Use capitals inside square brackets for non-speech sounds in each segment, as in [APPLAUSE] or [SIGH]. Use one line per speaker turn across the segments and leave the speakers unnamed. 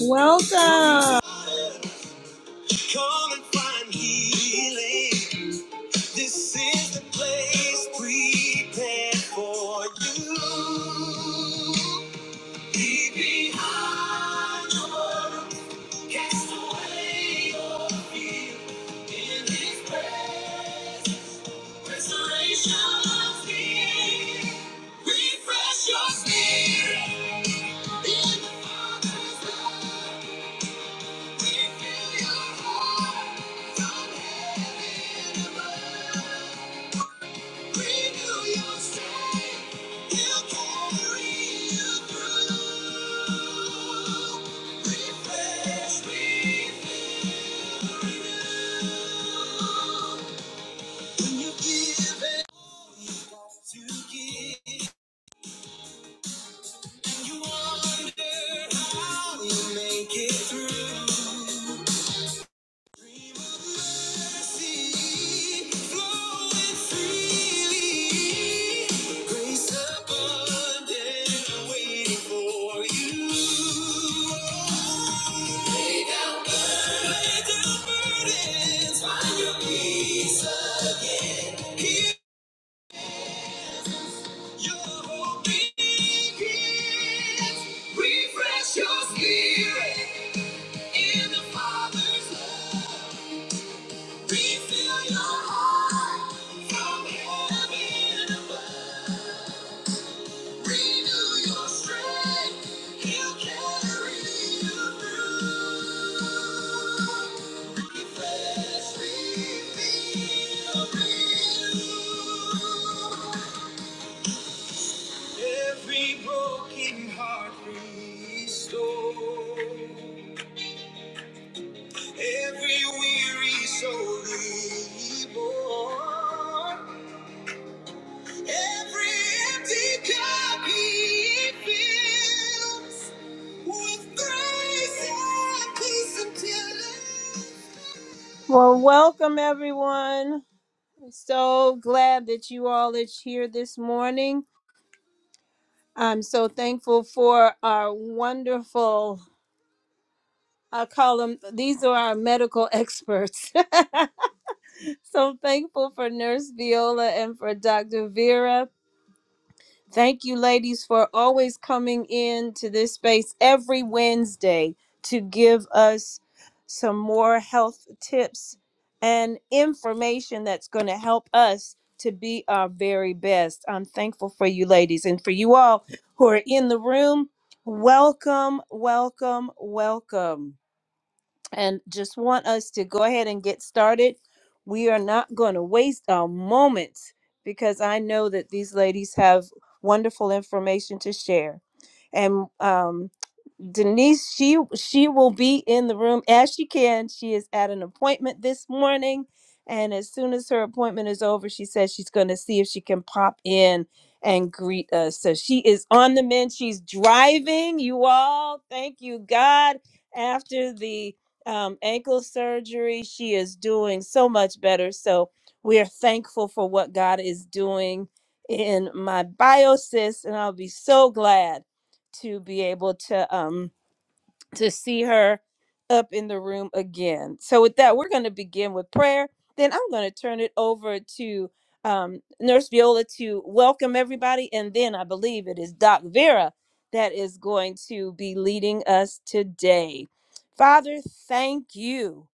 Welcome. Come and find healing. This is the place prepared for you. Leave behind. your Cast away your fear in His presence. Restoration's near. Refresh your spirit in the Father's love. Refill your heart from heaven above. Renew your strength. He'll carry you through. Refresh, refresh. Make it through. Refresh your spirit in the Father's love. Refill your heart from heaven above. Renew your strength. He'll carry you through. Refresh, refill, renew. Every broken heart restored. Every weary soul reborn. Well, welcome everyone. So glad that you all are here this morning. I'm so thankful for our wonderful, I call them, these are our medical experts. [LAUGHS] so thankful for Nurse Viola and for Dr. Vera. Thank you, ladies, for always coming in to this space every Wednesday to give us some more health tips and information that's going to help us to be our very best. I'm thankful for you, ladies, and for you all who are in the room. Welcome, welcome, welcome and just want us to go ahead and get started. We are not going to waste a moment because I know that these ladies have wonderful information to share. And um, Denise, she she will be in the room as she can. She is at an appointment this morning, and as soon as her appointment is over, she says she's going to see if she can pop in and greet us. So she is on the mend. She's driving. You all, thank you, God. After the um, ankle surgery. She is doing so much better. So we are thankful for what God is doing in my biosis, and I'll be so glad to be able to. Um, to see her up in the room again. So, with that, we're going to begin with prayer. Then I'm going to turn it over to um, Nurse Viola to welcome everybody. And then I believe it is Doc Vera that is going to be leading us today. Father, thank you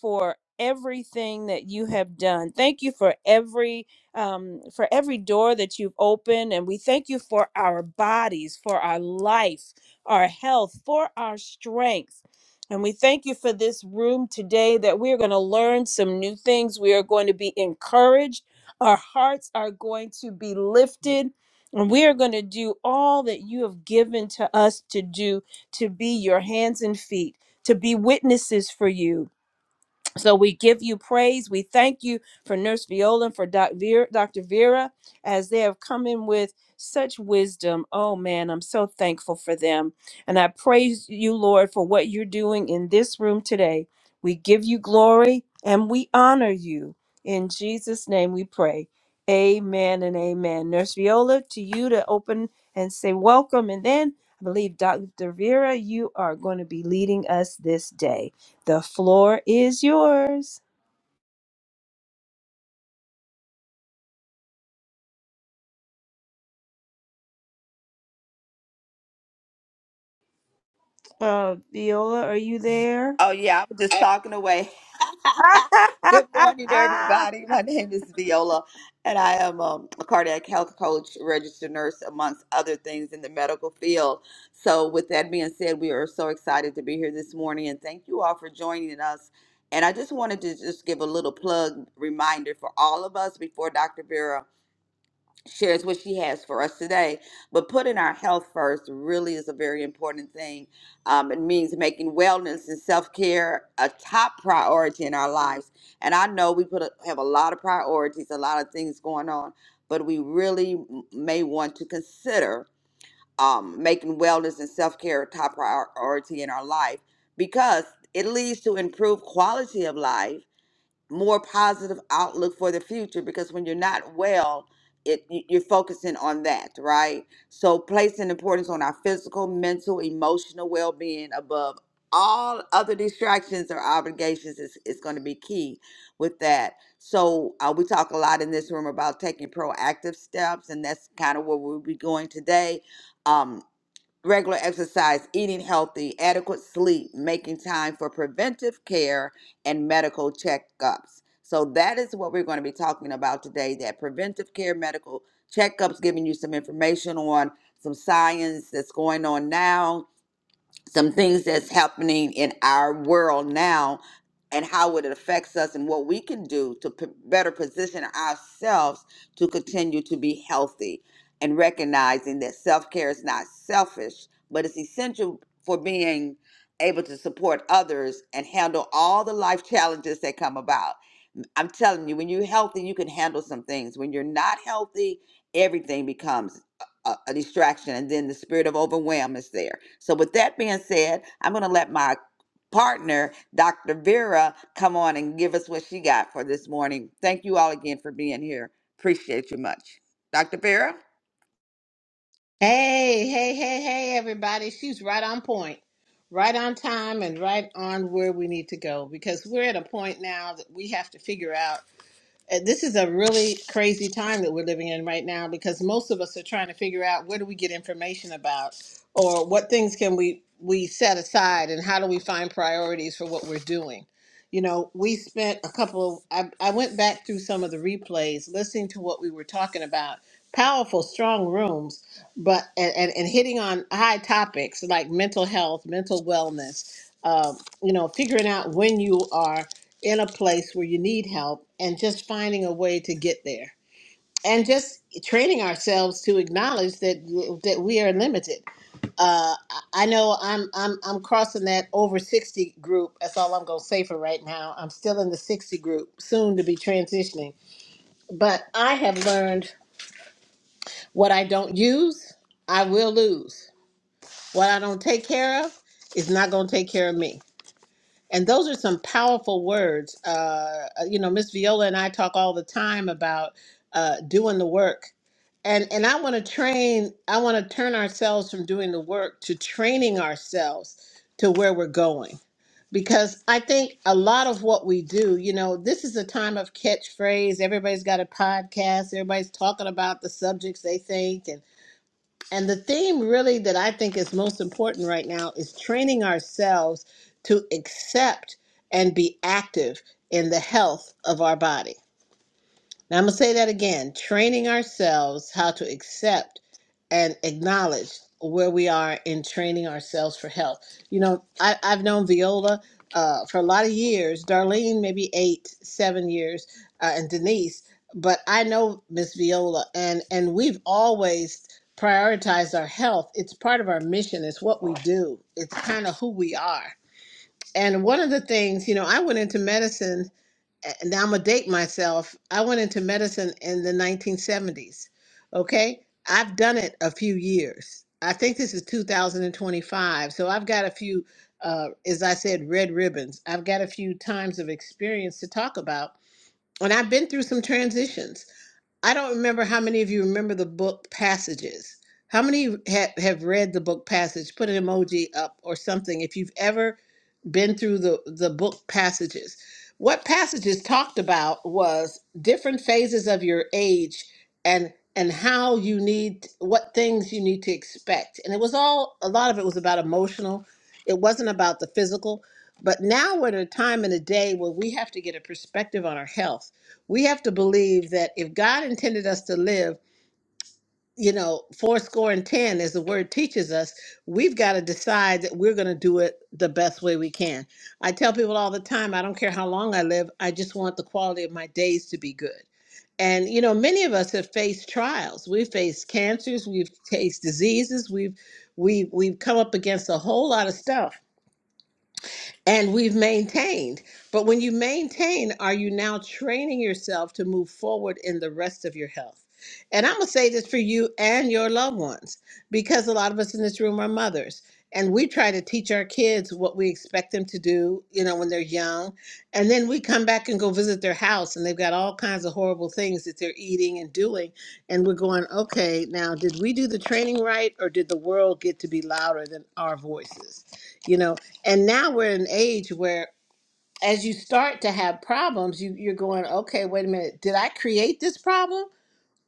for everything that you have done. Thank you for every um, for every door that you've opened, and we thank you for our bodies, for our life our health, for our strength. And we thank you for this room today that we are going to learn some new things. We are going to be encouraged. Our hearts are going to be lifted. And we are going to do all that you have given to us to do to be your hands and feet, to be witnesses for you, so we give you praise. We thank you for Nurse Viola and for Doc Vera, Dr. Vera as they have come in with such wisdom. Oh man, I'm so thankful for them. And I praise you, Lord, for what you're doing in this room today. We give you glory and we honor you. In Jesus' name we pray. Amen and amen. Nurse Viola, to you to open and say welcome. And then I believe Dr. Vera, you are going to be leading us this day. The floor is yours. Uh, Viola, are you there?
Oh, yeah, I was just talking away.
[LAUGHS]
[LAUGHS] Good morning, everybody. My name is Viola, and I am um, a cardiac health coach, registered nurse, amongst other things in the medical field. So, with that being said, we are so excited to be here this morning, and thank you all for joining us. And I just wanted to just give a little plug reminder for all of us before Dr. Vera shares what she has for us today. But putting our health first really is a very important thing. Um, it means making wellness and self care a top priority in our lives. And I know we put a, have a lot of priorities, a lot of things going on, but we really m- may want to consider um, making wellness and self care a top priority in our life because it leads to improved quality of life more positive outlook for the future because when you're not well it you- you're focusing on that right so placing importance on our physical mental emotional well-being above all other distractions or obligations is, is going to be key with that so uh, we talk a lot in this room about taking proactive steps and that's kind of where we'll be going today Um, regular exercise, eating healthy, adequate sleep, making time for preventive care, and medical checkups. So, that is what we're going to be talking about today that preventive care, medical checkups, giving you some information on some science that's going on now some things that's happening in our world now and how it affects us and what we can do to p- better position ourselves to continue to be healthy and recognizing that self-care is not selfish but it's essential for being able to support others and handle all the life challenges that come about i'm telling you when you're healthy you can handle some things when you're not healthy everything becomes a, a distraction and then the spirit of overwhelm is there so with that being said i'm going to let my partner dr vera come on and give us what she got for this morning thank you all again for being here appreciate you much dr vera
Hey, hey, hey, hey, everybody. She's right on point, right on time, and right on where we need to go because we're at a point now that we have to figure out uh, this is a really crazy time that we're living in right now because most of us are trying to figure out where do we get information about or what things can we we set aside and how do we find priorities for what we're doing you know we spent a couple I, I went back through some of the replays listening to what we were talking about powerful strong rooms but and, and, and hitting on high topics like mental health mental wellness um, you know figuring out when you are in a place where you need help and just finding a way to get there and just training ourselves to acknowledge that that we are limited uh, i I know i'm i'm i'm crossing that over 60 group that's all i'm going to say for right now i'm still in the 60 group soon to be transitioning but i have learned what i don't use i will lose what i don't take care of is not going to take care of me And those are some powerful words. Uh, uh, you know, Miss Viola and I talk all the time about uh, doing the work. And, and I want to train, I want to turn ourselves from doing the work to training ourselves to where we're going. Because I think a lot of what we do, you know, this is a time of catchphrase. Everybody's got a podcast, everybody's talking about the subjects they think. And the theme, really, that I think is most important right now is training ourselves to accept and be active in the health of our body. Now, I'm going to say that again training ourselves how to accept and acknowledge where we are in training ourselves for health. You know, I, I've known Viola uh, for a lot of years, Darlene, maybe eight, seven years, uh, and Denise, but I know Miss Viola, and, and we've always prioritized our health. It's part of our mission, it's what we do, it's kind of who we are. And one of the things, you know, I went into medicine and I'm gonna date myself. I went into medicine in the 1970s. Okay, I've done it a few years. I think this is 2025, so I've got a few, uh, as I said, red ribbons. I've got a few times of experience to talk about, and I've been through some transitions. I don't remember how many of you remember the book passages. How many have, have read the book passage? Put an emoji up or something if you've ever been through the, the book passages. What passages talked about was different phases of your age and and how you need what things you need to expect. And it was all a lot of it was about emotional. It wasn't about the physical. But now we're at a time in a day where we have to get a perspective on our health. We have to believe that if God intended us to live, you know, four score and ten, as the word teaches us, we've got to decide that we're going to do it the best way we can. I tell people all the time, I don't care how long I live, I just want the quality of my days to be good. And, you know, many of us have faced trials. We've faced cancers, we've faced diseases, we've, we've, we've come up against a whole lot of stuff and we've maintained. But when you maintain, are you now training yourself to move forward in the rest of your health? And I'm gonna say this for you and your loved ones, because a lot of us in this room are mothers, and we try to teach our kids what we expect them to do, you know, when they're young, and then we come back and go visit their house, and they've got all kinds of horrible things that they're eating and doing, and we're going, okay, now did we do the training right, or did the world get to be louder than our voices? You know, and now we're in an age where as you start to have problems you, you're going okay wait a minute did i create this problem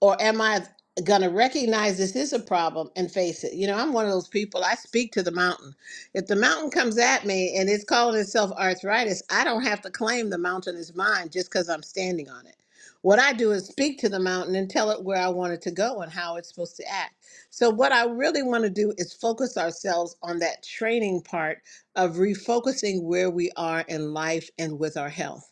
or am I going to recognize this is a problem and face it? You know, I'm one of those people. I speak to the mountain. If the mountain comes at me and it's calling itself arthritis, I don't have to claim the mountain is mine just because I'm standing on it. What I do is speak to the mountain and tell it where I want it to go and how it's supposed to act. So, what I really want to do is focus ourselves on that training part of refocusing where we are in life and with our health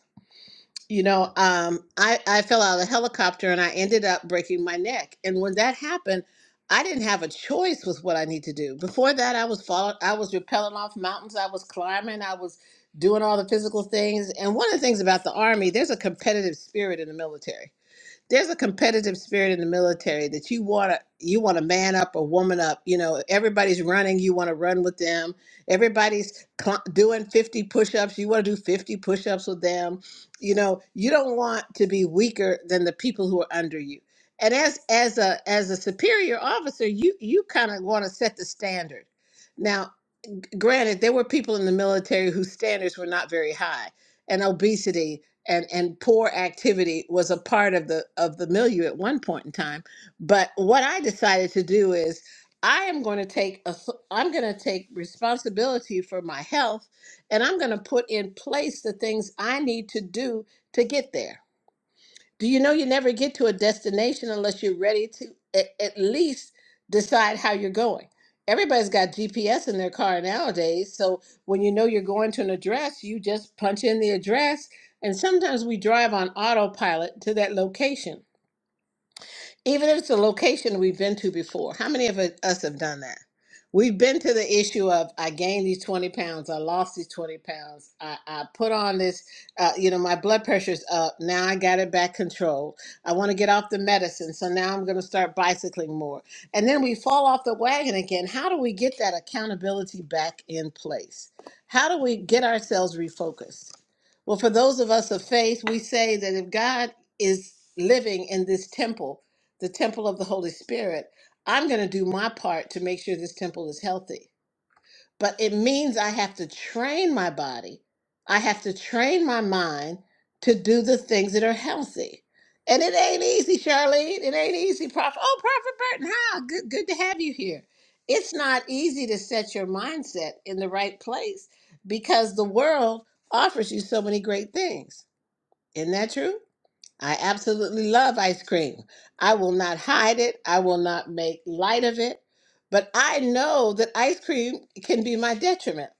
you know, um, I, I fell out of a helicopter and I ended up breaking my neck. And when that happened, I didn't have a choice with what I need to do. Before that, I was falling, I was rappelling off mountains, I was climbing, I was doing all the physical things. And one of the things about the Army, there's a competitive spirit in the military there's a competitive spirit in the military that you want to you want to man up or woman up you know everybody's running you want to run with them everybody's cl- doing 50 push-ups you want to do 50 push-ups with them you know you don't want to be weaker than the people who are under you and as as a as a superior officer you you kind of want to set the standard Now granted, there were people in the military whose standards were not very high, and obesity and and poor activity was a part of the of the milieu at one point in time. But what I decided to do is I am going to take a, I'm going to take responsibility for my health, and I'm going to put in place the things I need to do to get there do you know you never get to a destination unless you're ready to at, at least decide how you're going? Everybody's got GPS in their car nowadays. So when you know you're going to an address, you just punch in the address. And sometimes we drive on autopilot to that location even if it's a location we've been to before, how many of us have done that? We've been to the issue of I gained these 20 pounds, I lost these 20 pounds, I, I put on this, uh, you know, my blood pressure's up, now I got it back controlled. I want to get off the medicine, so now I'm going to start bicycling more. And then we fall off the wagon again. How do we get that accountability back in place? How do we get ourselves refocused? Well, for those of us of faith, we say that if God is living in this temple, the temple of the Holy Spirit, I'm going to do my part to make sure this temple is healthy. But it means I have to train my body, I have to train my mind to do the things that are healthy. And it ain't easy, Charlene. It ain't easy, Prophet. Oh, Prophet Burton, hi. Good, good to have you here. It's not easy to set your mindset in the right place because the world offers you so many great things. Isn't that true? I absolutely love ice cream. I will not hide it. I will not make light of it. But I know that ice cream can be my detriment.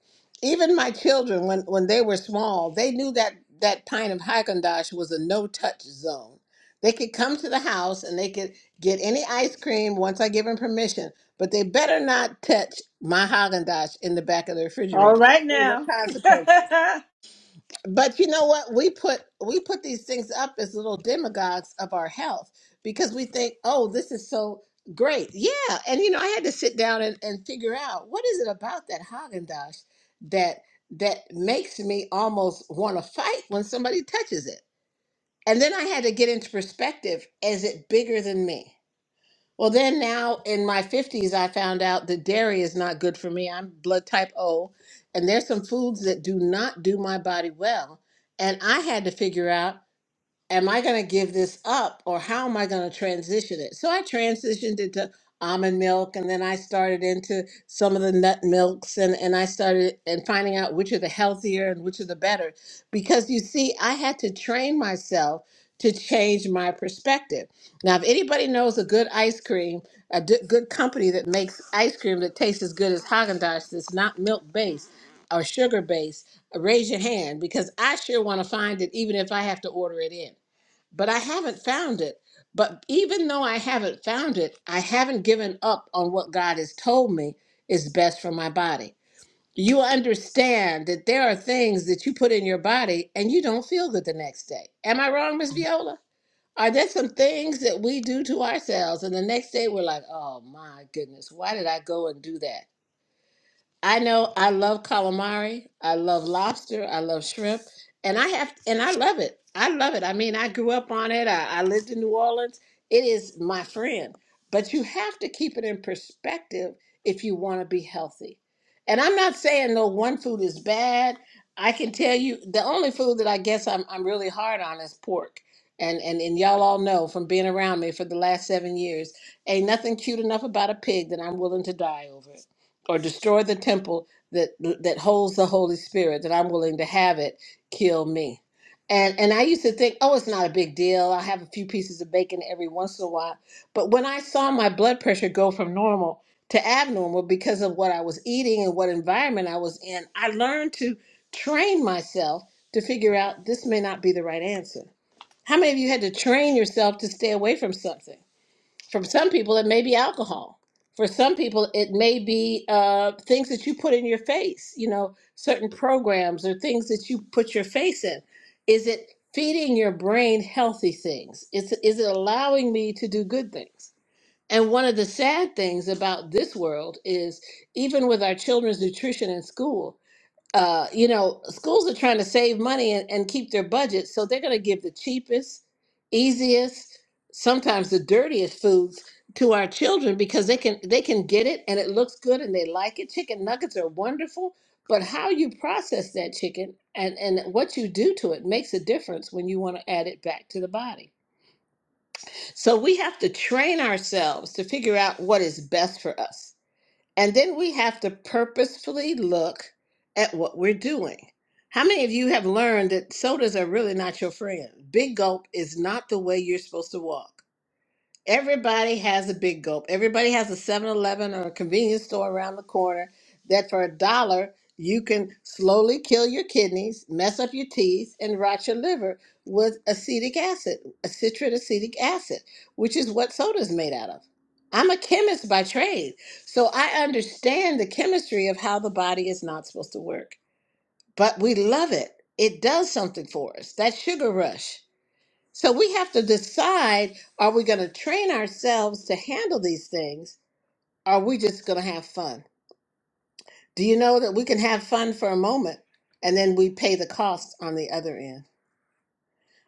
Even my children, when, when they were small, they knew that that pint of Haagen Dazs was a no touch zone. They could come to the house and they could get any ice cream once I give them permission, but they better not touch my Haagen Dazs in the back of the refrigerator. There were consequences. But you know what? We put we put these things up as little demagogues of our health because we think, oh, this is so great. Yeah. And you know, I had to sit down and, and figure out what is it about that Haagen Dazs that that makes me almost want to fight when somebody touches it. And then I had to get into perspective, is it bigger than me? Well, then now in my 50s, I found out that dairy is not good for me. I'm blood type O, and there's some foods that do not do my body well. And I had to figure out am I going to give this up or how am I going to transition it? So I transitioned into almond milk and then I started into some of the nut milks and, and I started and finding out which are the healthier and which are the better. Because you see, I had to train myself to change my perspective. Now, if anybody knows a good ice cream, a d- good company that makes ice cream that tastes as good as Haagen-Dazs that's not milk based or sugar based, raise your hand because I sure want to find it even if I have to order it in but I haven't found it. But even though I haven't found it, I haven't given up on what God has told me is best for my body. You understand that there are things that you put in your body and you don't feel good the next day. Am I wrong, Miss Viola? Are there some things that we do to ourselves and the next day we're like, oh my goodness, why did I go and do that? I know I love calamari. I love lobster. I love shrimp. And I have and I love it. I love it. I mean, I grew up on it. I, I lived in New Orleans. It is my friend. But you have to keep it in perspective if you want to be healthy. And I'm not saying no one food is bad. I can tell you the only food that I guess I'm I'm really hard on is pork. And and and y'all all know from being around me for the last seven years, ain't nothing cute enough about a pig that I'm willing to die over or destroy the temple that that holds the Holy Spirit, that I'm willing to have it kill me. And and I used to think, oh, it's not a big deal. I have a few pieces of bacon every once in a while. But when I saw my blood pressure go from normal to abnormal because of what I was eating and what environment I was in, I learned to train myself to figure out this may not be the right answer. How many of you had to train yourself to stay away from something? For some people, it may be alcohol. For some people, it may be uh, things that you put in your face, you know, certain programs or things that you put your face in. Is it feeding your brain healthy things? Is, is it allowing me to do good things? And one of the sad things about this world is even with our children's nutrition in school, uh, you know, schools are trying to save money and, and keep their budget, so they're going to give the cheapest, easiest, sometimes the dirtiest foods to our children because they can they can get it and it looks good and they like it. Chicken nuggets are wonderful, but how you process that chicken and and what you do to it makes a difference when you want to add it back to the body. So we have to train ourselves to figure out what is best for us and then we have to purposefully look at what we're doing. How many of you have learned that sodas are really not your friend? Big gulp is not the way you're supposed to walk. Everybody has a big gulp. Everybody has a 7 Eleven or a convenience store around the corner that for a dollar you can slowly kill your kidneys, mess up your teeth, and rot your liver with acetic acid, a citrate acetic acid, which is what soda is made out of. I'm a chemist by trade, so I understand the chemistry of how the body is not supposed to work. But we love it. It does something for us. That sugar rush. So we have to decide are we going to train ourselves to handle these things? Or are we just going to have fun? Do you know that we can have fun for a moment and then we pay the cost on the other end?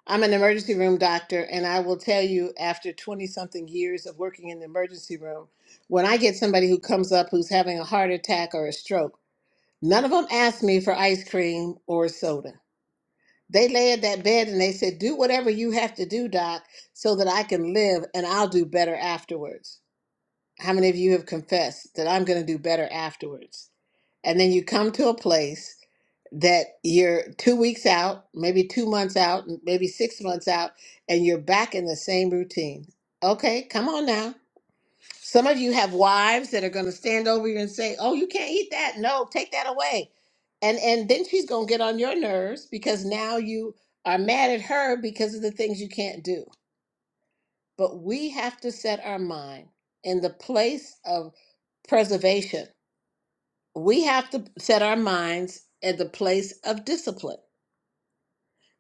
I'm an emergency room doctor, and I will tell you after 20 something years of working in the emergency room, when I get somebody who comes up who's having a heart attack or a stroke, none of them ask me for ice cream or soda. They laid that bed and they said, Do whatever you have to do, Doc, so that I can live and I'll do better afterwards. How many of you have confessed that I'm going to do better afterwards? And then you come to a place that you're two weeks out, maybe two months out, maybe six months out, and you're back in the same routine. Okay, come on now. Some of you have wives that are going to stand over you and say, "Oh, you can't eat that. No, take that away." And and then she's going to get on your nerves because now you are mad at her because of the things you can't do. But we have to set our mind in the place of preservation. We have to set our minds at the place of discipline.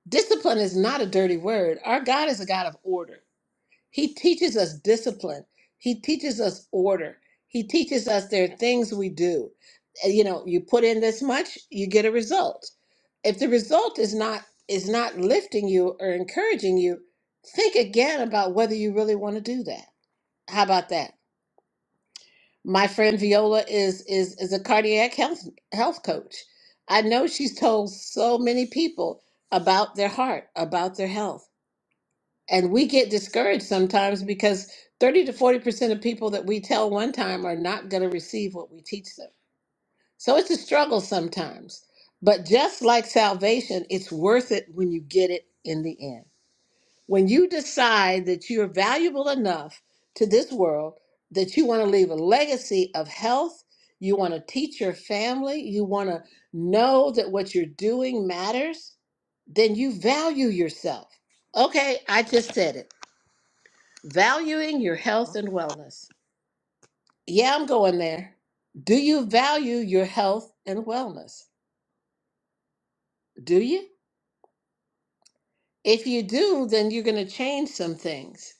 Discipline is not a dirty word. Our God is a God of order. He teaches us discipline. He teaches us order. He teaches us there are things we do. Uh, You know, you put in this much, you get a result. If the result is not is not lifting you or encouraging you, think again about whether you really want to do that. How about that? My friend Viola is is is a cardiac health health coach. I know she's told so many people about their heart, about their health. And we get discouraged sometimes because 30 to 40% of people that we tell one time are not going to receive what we teach them. So it's a struggle sometimes. But just like salvation, it's worth it when you get it in the end. When you decide that you're valuable enough to this world that you want to leave a legacy of health, you want to teach your family, you want to know that what you're doing matters, then you value yourself. Okay, I just said it. Valuing your health and wellness. Yeah, I'm going there. Do you value your health and wellness? Do you? If you do, then you're going to change some things.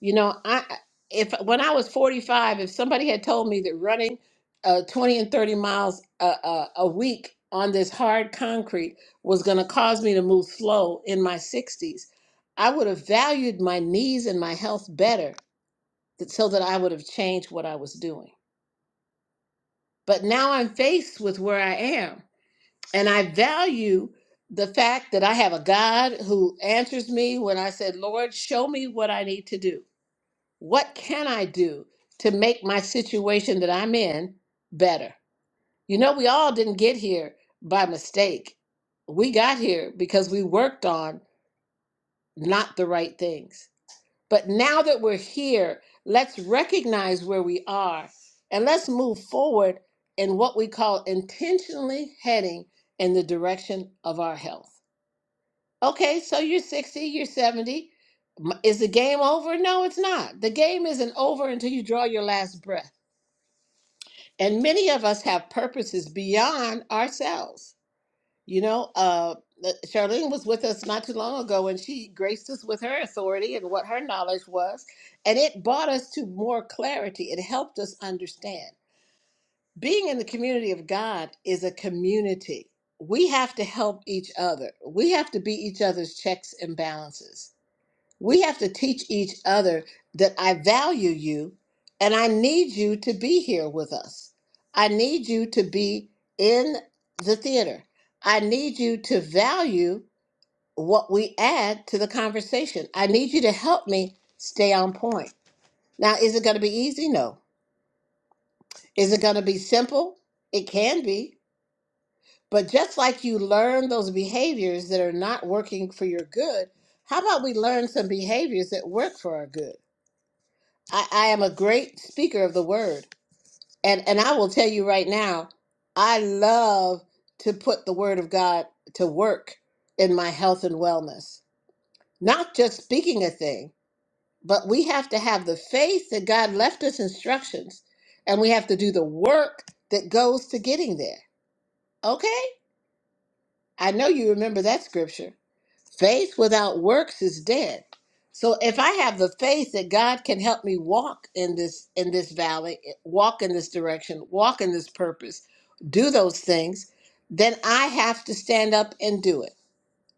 You know, I if when I was 45, if somebody had told me that running uh, 20 and 30 miles a, a, a week on this hard concrete was going to cause me to move slow in my 60s, I would have valued my knees and my health better that, so that I would have changed what I was doing. But now I'm faced with where I am. And I value the fact that I have a God who answers me when I said, Lord, show me what I need to do. What can I do to make my situation that I'm in better? You know, we all didn't get here by mistake. We got here because we worked on not the right things. But now that we're here, let's recognize where we are and let's move forward in what we call intentionally heading in the direction of our health. Okay, so you're 60, you're 70. M- Is the game over? No, it's not. The game isn't over until you draw your last breath. And many of us have purposes beyond ourselves. You know, uh, uh, Charlene was with us not too long ago, and she graced us with her authority and what her knowledge was, and it brought us to more clarity. It helped us understand. Being in the community of God is a community. We have to help each other. We have to be each other's checks and balances we have to teach each other that I value you and I need you to be here with us. I need you to be in the theater. I need you to value what we add to the conversation. I need you to help me stay on point. Now, is it going to be easy? No. Is it going to be simple? It can be. But just like you learn those behaviors that are not working for your good, how about we learn some behaviors that work for our good? I, I am a great speaker of the word. And and I will tell you right now, I love to put the word of God to work in my health and wellness. Not just speaking a thing, but we have to have the faith that God left us instructions and we have to do the work that goes to getting there. Okay? I know you remember that scripture. Faith without works is dead. So if I have the faith that God can help me walk in this in this valley, eh, walk in this direction, walk in this purpose, do those things, then I have to stand up and do it.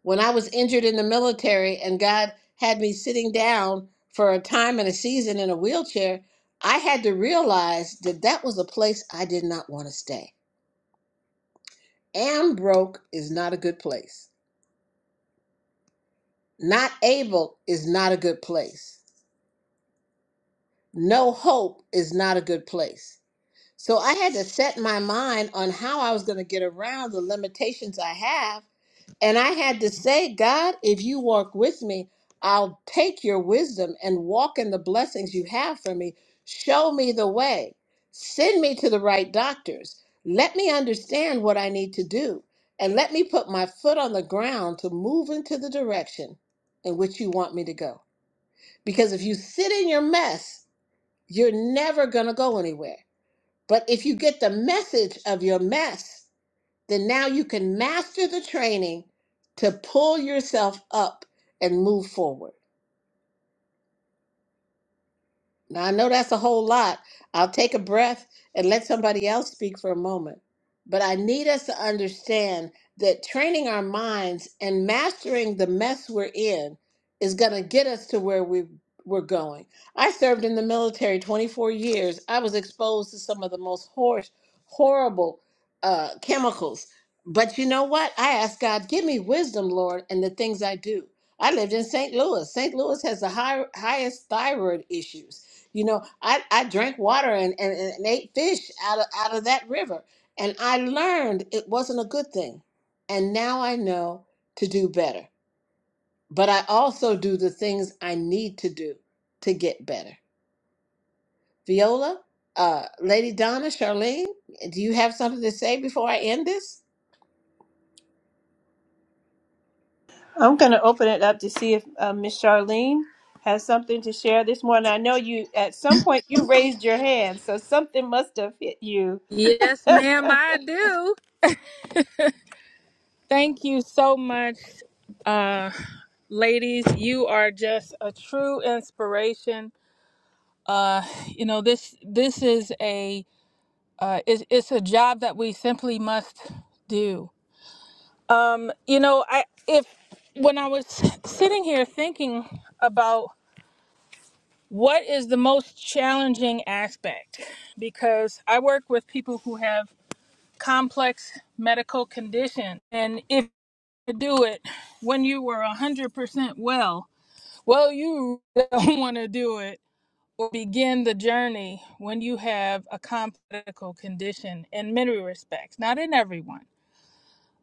When I was injured in the military and God had me sitting down for a time and a season in a wheelchair, I had to realize that that was a place I did not want to stay. Am broke is not a good place. Not able is not a good place no hope is not a good place. So I had to set my mind on how I was going to get around the limitations I have. And I had to say, God, if you walk with me, I'll take your wisdom and walk in the blessings you have for me. Show me the way. Send me to the right doctors. Let me understand what I need to do. And let me put my foot on the ground to move into the direction in which you want me to go. Because if you sit in your mess, you're never going to go anywhere. But if you get the message of your mess, then now you can master the training to pull yourself up and move forward. Now, I know that's a whole lot. I'll take a breath and let somebody else speak for a moment. But I need us to understand that training our minds and mastering the mess we're in is going to get us to where we, we're going. I served in the military 24 years. I was exposed to some of the most hor- horrible uh, chemicals. But you know what? I asked God, give me wisdom, Lord, in the things I do. I lived in St. Louis. St. Louis has the high, highest thyroid issues you know, I, I drank water and, and, and ate fish out of, out of that river. And I learned it wasn't a good thing. And now I know to do better. But I also do the things I need to do to get better. Viola, uh, Lady Donna, Charlene, do you have something to say before I end this?
I'm going to open it up to see if uh, Miss Charlene has something to share this morning. I know you, at some point, you raised your hand, so something must have hit you. [LAUGHS]
Yes, ma'am,
yeah,
I do. Thank you so much, uh, ladies. You are just a true inspiration. Uh, you know this this is a uh, it's, it's a job that we simply must do. Um, you know, I if when I was sitting here thinking about what is the most challenging aspect, because I work with people who have complex medical condition, and if to do it when you were 100% well. Well, you really don't [LAUGHS] want to do it or begin the journey when you have a complex condition in many respects, not in everyone.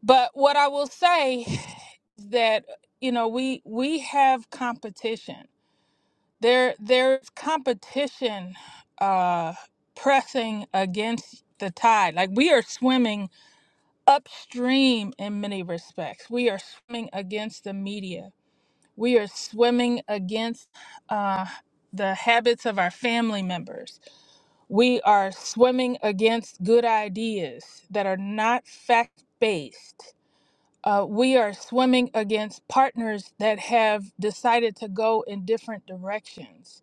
But what I will say is that you know we we have competition. There there's competition uh pressing against the tide. Like we are swimming upstream in many respects. We are swimming against the media we are swimming against uh, the habits of our family members. We are swimming against good ideas that are not fact based. Uh, we are swimming against partners that have decided to go in different directions.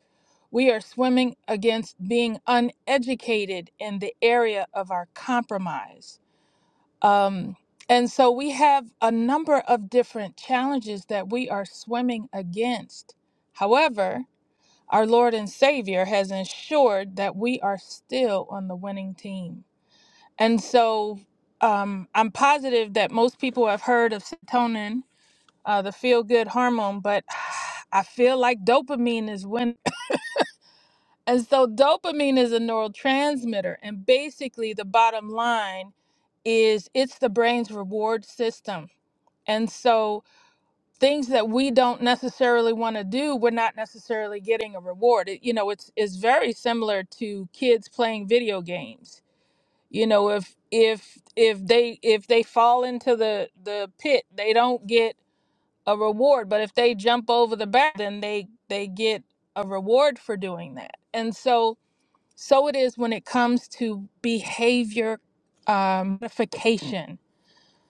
We are swimming against being uneducated in the area of our compromise um, and so we have a number of different challenges that we are swimming against. However, our Lord and Savior has ensured that we are still on the winning team. And so um, I'm positive that most people have heard of serotonin, uh, the feel good hormone, but [SIGHS] I feel like dopamine is winning. [COUGHS] And so [LAUGHS] dopamine is a neurotransmitter. And basically, the bottom line is it's the brain's reward system and so things that we don't necessarily want to do, we're not necessarily getting a reward. It, you know, it's it's very similar to kids playing video games. You know, if if if they if they fall into the the pit, they don't get a reward, but if they jump over the bar, then they they get a reward for doing that. And so so it is when it comes to behavior um, modification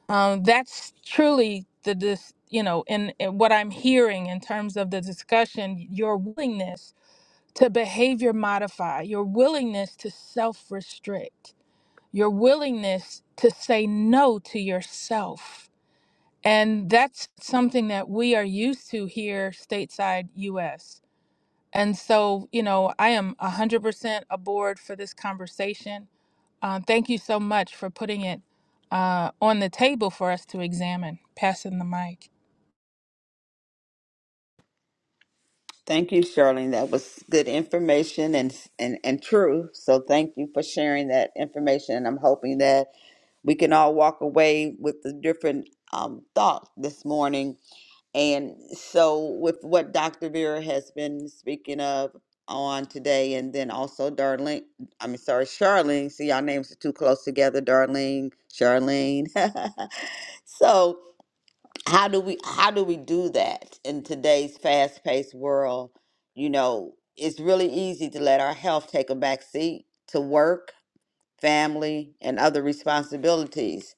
um, that's truly the dis, you know in, in what i'm hearing in terms of the discussion your willingness to behavior modify your willingness to self-restrict your willingness to say no to yourself and that's something that we are used to here stateside us and so you know i am 100% aboard for this conversation uh, thank you so much for putting it uh, on the table for us to examine. Passing the mic.
Thank you, Charlene. That was good information and, and, and true. So thank you for sharing that information. And I'm hoping that we can all walk away with the different um, thought this morning And so, with what Dr. Vera has been speaking of on today, and then also Darlene, I mean, sorry, Charlene. See, y'all names are too close together, Darlene, Charlene. [LAUGHS] so, how do we how do we do that in today's fast paced world? You know, it's really easy to let our health take a back seat to work, family, and other responsibilities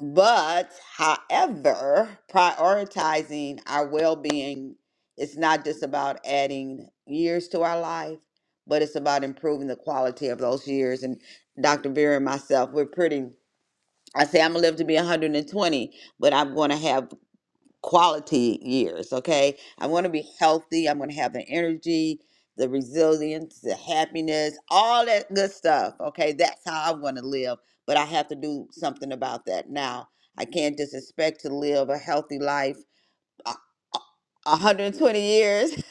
but, however, prioritizing our well being is not just about adding years to our life, but it's about improving the quality of those years. And Dr. Vera and myself, we're pretty, I say I'm going to live to be 120, but I'm going to have quality years, okay? I want to be healthy. I'm going to have the energy, the resilience, the happiness, all that good stuff, okay? That's how I want to live, but I have to do something about that now. I can't just expect to live a healthy life a- a- 120 years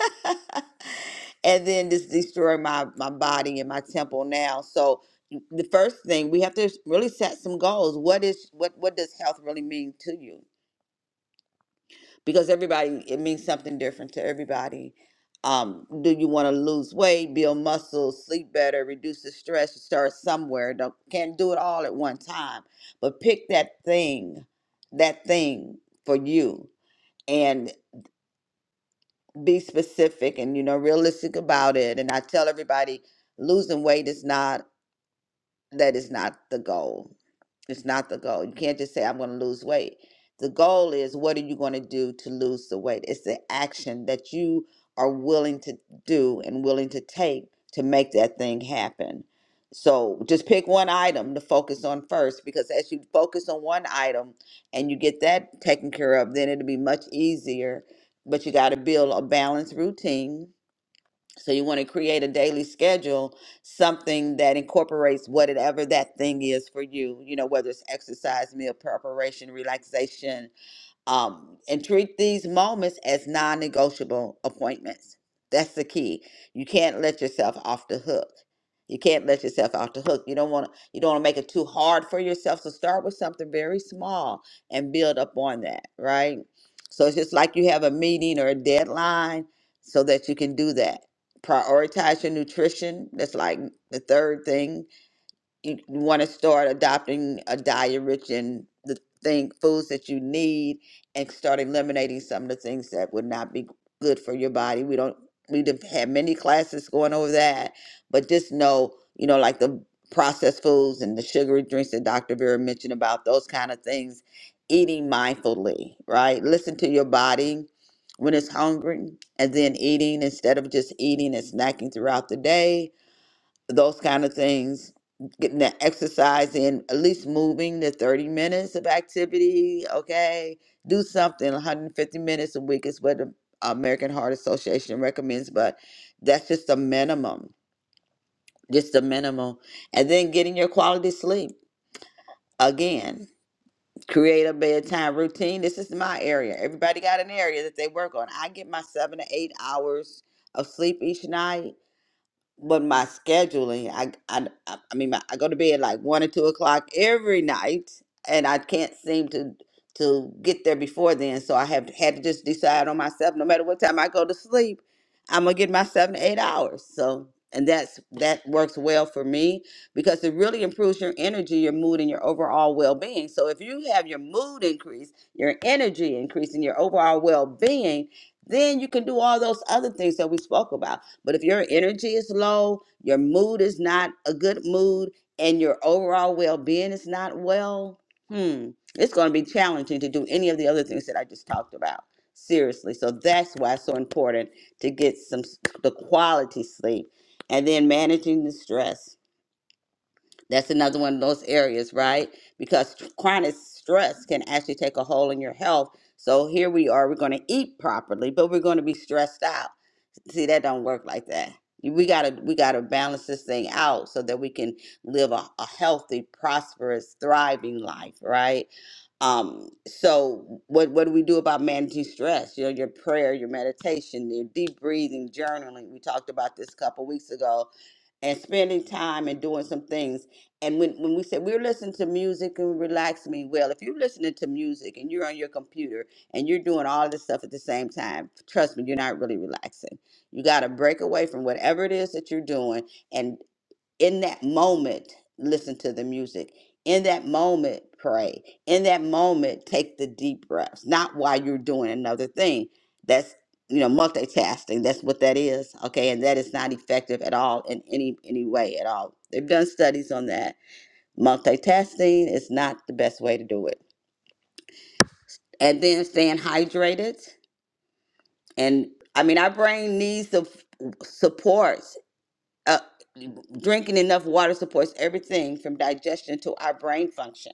[LAUGHS] and then just destroy my, my body and my temple now. So the first thing we have to really set some goals. What is what what does health really mean to you? because everybody it means something different to everybody um do you want to lose weight build muscles sleep better reduce the stress start somewhere don't can't do it all at one time but pick that thing that thing for you and be specific and you know realistic about it and i tell everybody losing weight is not that is not the goal. It's not the goal. You can't just say, I'm going to lose weight. The goal is, what are you going to do to lose the weight? It's the action that you are willing to do and willing to take to make that thing happen. So just pick one item to focus on first, because as you focus on one item and you get that taken care of, then it'll be much easier. But you got to build a balanced routine so you want to create a daily schedule, something that incorporates whatever that thing is for you, you know, whether it's exercise, meal preparation, relaxation, um, and treat these moments as non negotiable appointments. That's the key. You can't let yourself off the hook. You can't let yourself off the hook. You don't want to. You don't want to make it too hard for yourself. So start with something very small and build up on that, right? So it's just like you have a meeting or a deadline, so that you can do that. Prioritize your nutrition. That's like the third thing you want to start adopting a diet rich in the thing foods that you need and start eliminating some of the things that would not be good for your body we don't we done had many classes going over that but just know you know like the processed foods and the sugary drinks that dr vera mentioned about those kind of things eating mindfully right listen to your body when it's hungry and then eating instead of just eating and snacking throughout the day those kind of things getting the exercise in at least moving the 30 minutes of activity okay do something 150 minutes a week is what the american heart association recommends but that's just the minimum just the minimum and then getting your quality sleep again create a bedtime routine this is my area everybody got an area that they work on i get my seven to eight hours of sleep each night but my scheduling, I, I, I I mean, my, I go to bed like one or two o'clock every night, and I can't seem to to get there before then. So I have had to just decide on myself. No matter what time I go to sleep, I'm gonna get my seven to eight hours. So, and that's that works well for me because it really improves your energy, your mood, and your overall well being. So if you have your mood increase, your energy increase, and your overall well being, then you can do all those other things that we spoke about but if your energy is low, your mood is not a good mood, and your overall well being is not well, hmm, it's going to be challenging to do any of the other things that I just talked about. Seriously. So that's why it's so important to get some s- the quality sleep and then managing the stress. That's another one of those areas, right? Because tr- chronic stress can actually take a hold on your health. So here we are, we're going to eat properly, but we're going to be stressed out see that don't work like that we gotta we gotta balance this thing out so that we can live a, a healthy prosperous thriving life right um so what what do we do about managing stress you know your prayer your meditation your deep breathing journaling we talked about this a couple weeks ago and spending time and doing some things and when, when we said we're listening to music and relax me well if you're listening to music and you're on your computer and you're doing all this stuff at the same time trust me you're not really relaxing you got to break away from whatever it is that you're doing. And in that moment, listen to the music. In that moment, pray. In that moment, take the deep breaths, not while you're doing another thing. That's, you know, multitasking. That's what that is. Okay. And that is not effective at all in any, any way at all. They've done studies on that. Multitasking is not the best way to do it. And then staying hydrated. And I mean, our brain needs the support Uh, drinking enough water supports everything from digestion to our brain function.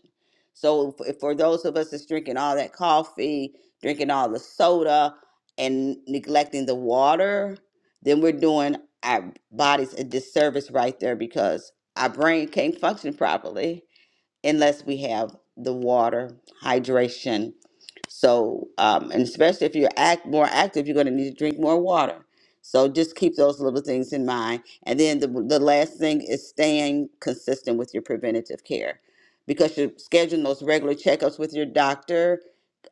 So, f- for those of us that's drinking all that coffee, drinking all the soda, and neglecting the water, then we're doing our bodies a disservice right there because our brain can't function properly unless we have the water, hydration. So, um, and especially if you're act more active, you're going to need to drink more water. So just keep those little things in mind. And then the, the last thing is staying consistent with your preventative care because you're scheduling those regular checkups with your doctor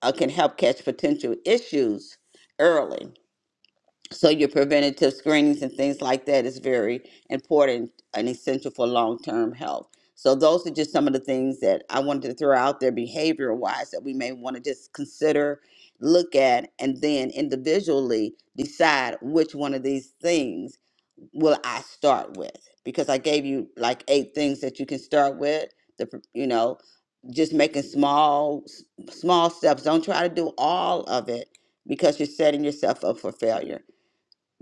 uh, can help catch potential issues early. So your preventative screenings and things like that is very important and essential for long-term health. So those are just some of the things that I wanted to throw out there behavior wise that we may want to just consider, look at, and then individually decide which one of these things will I start with. Because I gave you like eight things that you can start with. The pr- you know, just making small s- small steps. Don't try to do all of it because you're setting yourself up for failure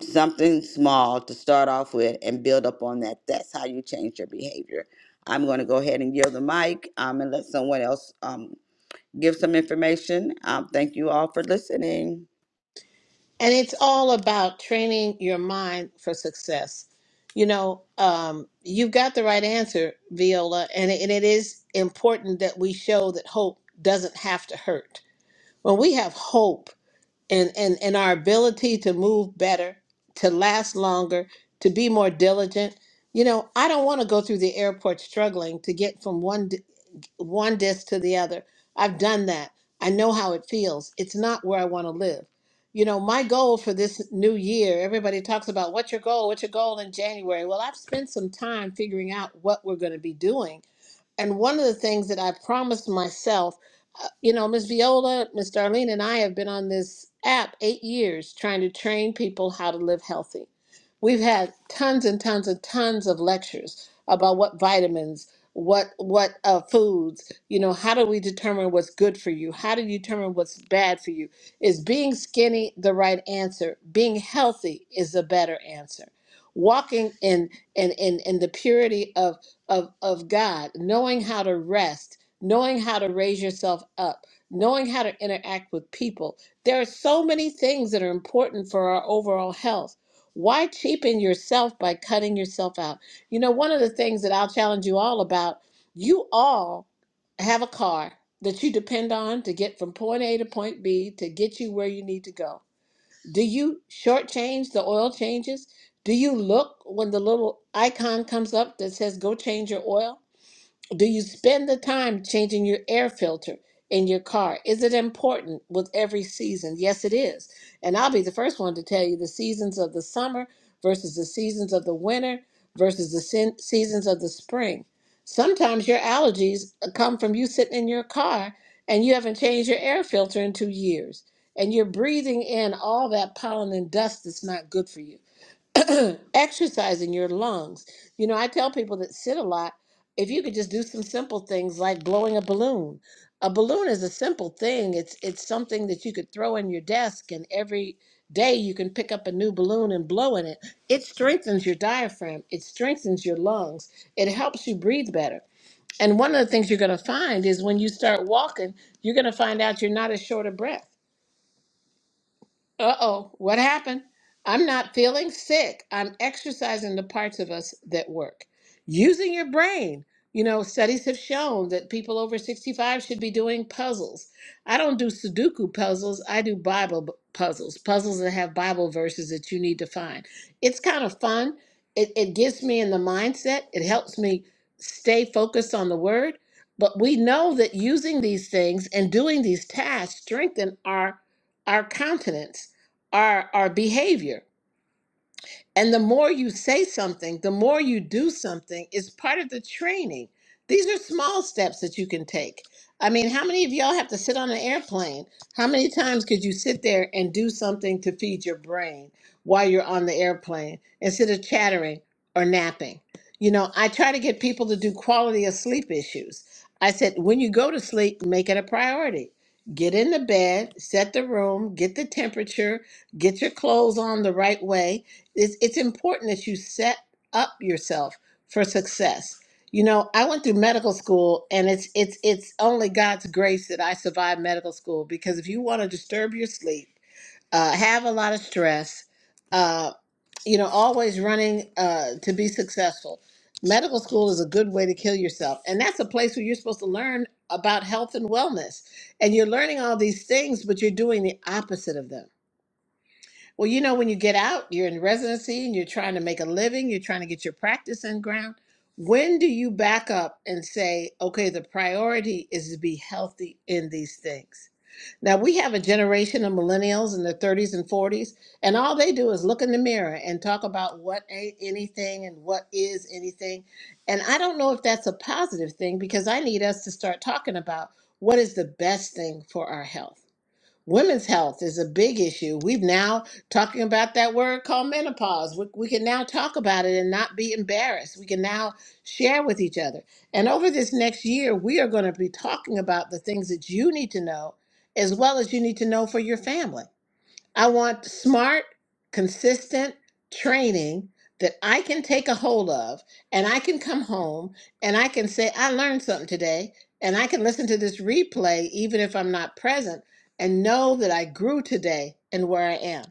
something small to start off with and build up on that. That's how you change your behavior. I'm going to go ahead and yield the mic um, and let someone else um, give some information. Um, thank you all for listening.
And it's all about training your mind for success. You know, um, you've got the right answer, Viola, and it, and it is important that we show that hope doesn't have to hurt. When we have hope and, and, and our ability to move better, to last longer, to be more diligent, you know, I don't want to go through the airport struggling to get from one one disc to the other. I've done that. I know how it feels. It's not where I want to live. You know, my goal for this new year, everybody talks about what's your goal? What's your goal in January? Well, I've spent some time figuring out what we're going to be doing and one of the things that I promised myself, uh, you know, Miss Viola, Miss Darlene, and I have been on this app eight years trying to train people how to live healthy. We've had tons and tons and tons of lectures about what vitamins, what what uh, foods, you know, how do we determine what's good for you? How do you determine what's bad for you? Is being skinny the right answer? Being healthy is the better answer. Walking in in in, in the purity of, of God, knowing how to rest, knowing how to raise yourself up, knowing how to interact with people. There are so many things that are important for our overall health. Why cheapen yourself by cutting yourself out? You know, one of the things that I'll challenge you all about, you all have a car that you depend on to get from point A to point B to get you where you need to go. Do you shortchange the oil changes? Do you look when the little icon comes up that says go change your oil? Do you spend the time changing your air filter in your car? Is it important with every season? Yes, it is. And I'll be the first one to tell you the seasons of the summer versus the seasons of the winter versus the sen- seasons of the spring. Sometimes your allergies uh, come from you sitting in your car and you haven't changed your air filter in two years. And you're breathing in all that pollen and dust that's not good for you. [CLEARS THROAT] exercising your lungs. You know, I tell people that sit a lot, if you could just do some simple things like blowing a balloon. A balloon is a simple thing. It's it's something that you could throw in your desk and every day you can pick up a new balloon and blow in it. It strengthens your diaphragm, it strengthens your lungs. It helps you breathe better. And one of the things you're going to find is when you start walking, you're going to find out you're not as short of breath uh oh, what happened? I'm not feeling sick. I'm exercising the parts of us that work. Using your brain. You know, studies have shown that people over 65 should be doing puzzles. I don't do Sudoku puzzles, I do Bible b- puzzles, puzzles that have Bible verses that you need to find. It's kind of fun. It, it gets me in the mindset, it helps me stay focused on the word. But we know that using these things and doing these tasks strengthen our our countenance our our behavior and the more you say something, the more you do something is part of the training. These are small steps that you can take. I mean, how many of y'all have to sit on an airplane? How many times could you sit there and do something to feed your brain while you're on the airplane instead of chattering or napping? You know, I try to get people to do quality of sleep issues. I said, when you go to sleep, make it a priority. Get in the bed, set the room, get the temperature, get your clothes on the right way, it's, it's important that you set up yourself for success. You know, I went through medical school and it's it's it's only God's grace that I survived medical school because if you want to disturb your sleep, uh, have a lot of stress, uh, you know, always running uh, to be successful. Medical school is a good way to kill yourself. And that's a place where you're supposed to learn about health and wellness. And you're learning all these things, but you're doing the opposite of them well, you know, when you get out, you're in residency and you're trying to make a living, you're trying to get your practice in ground. When do you back up and say, okay, the priority is to be healthy in these things? Now, we have a generation of millennials in their 30s and 40s, and all they do is look in the mirror and talk about what ain't anything and what is anything. And I don't know if that's a positive thing because I need us to start talking about what is the best thing for our health. Women's health is a big issue. We've now talking about that word called menopause. We, we can now talk about it and not be embarrassed. We can now share with each other. And over this next year, we are going to be talking about the things that you need to know, as well as you need to know for your family. I want smart, consistent training that I can take a hold of and I can come home and I can say, I learned something today. And I can listen to this replay even if I'm not present and know that I grew today and where I am.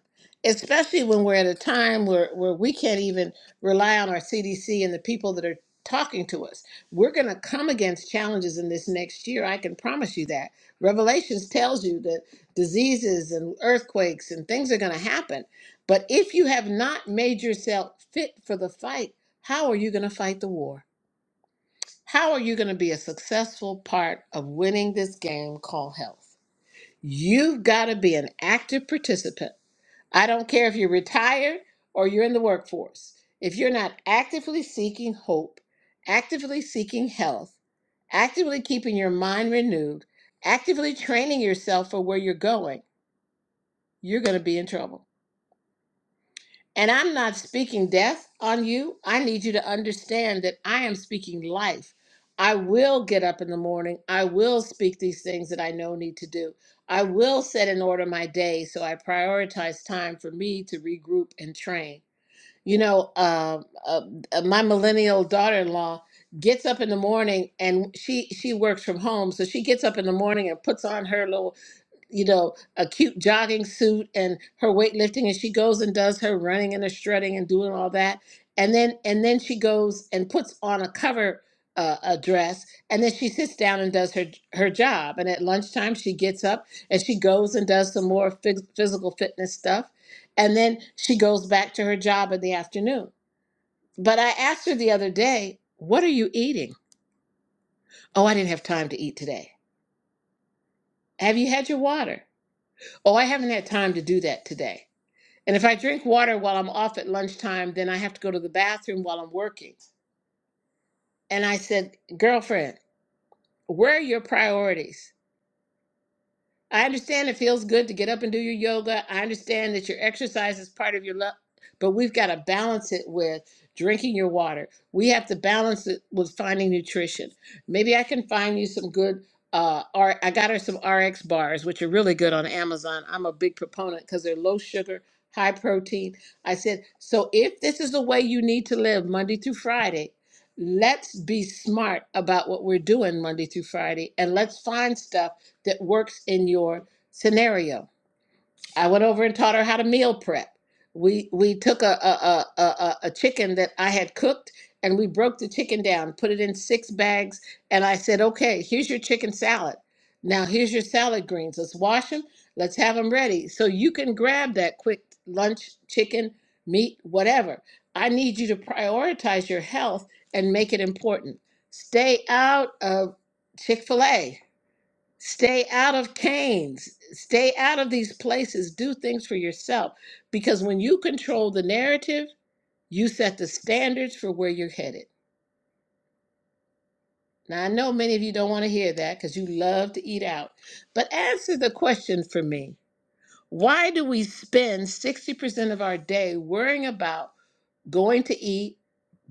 Especially when we're at a time where, where we can't even rely on our CDC and the people that are talking to us. We're going to come against challenges in this next year. I can promise you that. Revelations tells you that diseases and earthquakes and things are going to happen. But if you have not made yourself fit for the fight, how are you going to fight the war? How are you going to be a successful part of winning this game called health? You've got to be an active participant. I don't care if you're retired or you're in the workforce. If you're not actively seeking hope, actively seeking health, actively keeping your mind renewed, actively training yourself for where you're going, you're going to be in trouble. And I'm not speaking death on you. I need you to understand that I am speaking life. I will get up in the morning. I will speak these things that I know need to do. I will set in order my day so I prioritize time for me to regroup and train. You know, uh, uh, uh, my millennial daughter-in-law gets up in the morning and she she works from home, so she gets up in the morning and puts on her little you know, a cute jogging suit and her weightlifting, and she goes and does her running and her strutting and doing all that, and then and then she goes and puts on a cover uh, a dress, and then she sits down and does her her job. And at lunchtime, she gets up and she goes and does some more phys- physical fitness stuff, and then she goes back to her job in the afternoon. But I asked her the other day, "What are you eating?" Oh, I didn't have time to eat today. Have you had your water? Oh, I haven't had time to do that today. And if I drink water while I'm off at lunchtime, then I have to go to the bathroom while I'm working. And I said, Girlfriend, where are your priorities? I understand it feels good to get up and do your yoga. I understand that your exercise is part of your love, but we've got to balance it with drinking your water. We have to balance it with finding nutrition. Maybe I can find you some good. Uh, R- I got her some RX bars, which are really good on Amazon. I'm a big proponent because they're low sugar, high protein. I said, so if this is the way you need to live Monday through Friday, let's be smart about what we're doing Monday through Friday and let's find stuff that works in your scenario. I went over and taught her how to meal prep. We we took a a a, a, a chicken that I had cooked and we broke the chicken down, put it in six bags, and I said, "Okay, here's your chicken salad. Now here's your salad greens. Let's wash them. Let's have them ready so you can grab that quick lunch chicken, meat, whatever. I need you to prioritize your health and make it important. Stay out of Chick-fil-A. Stay out of Cain's. Stay out of these places. Do things for yourself. Because when you control the narrative, you set the standards for where you're headed. Now, I know many of you don't want to hear that because you love to eat out. But answer the question for me Why do we spend 60% of our day worrying about? going to eat,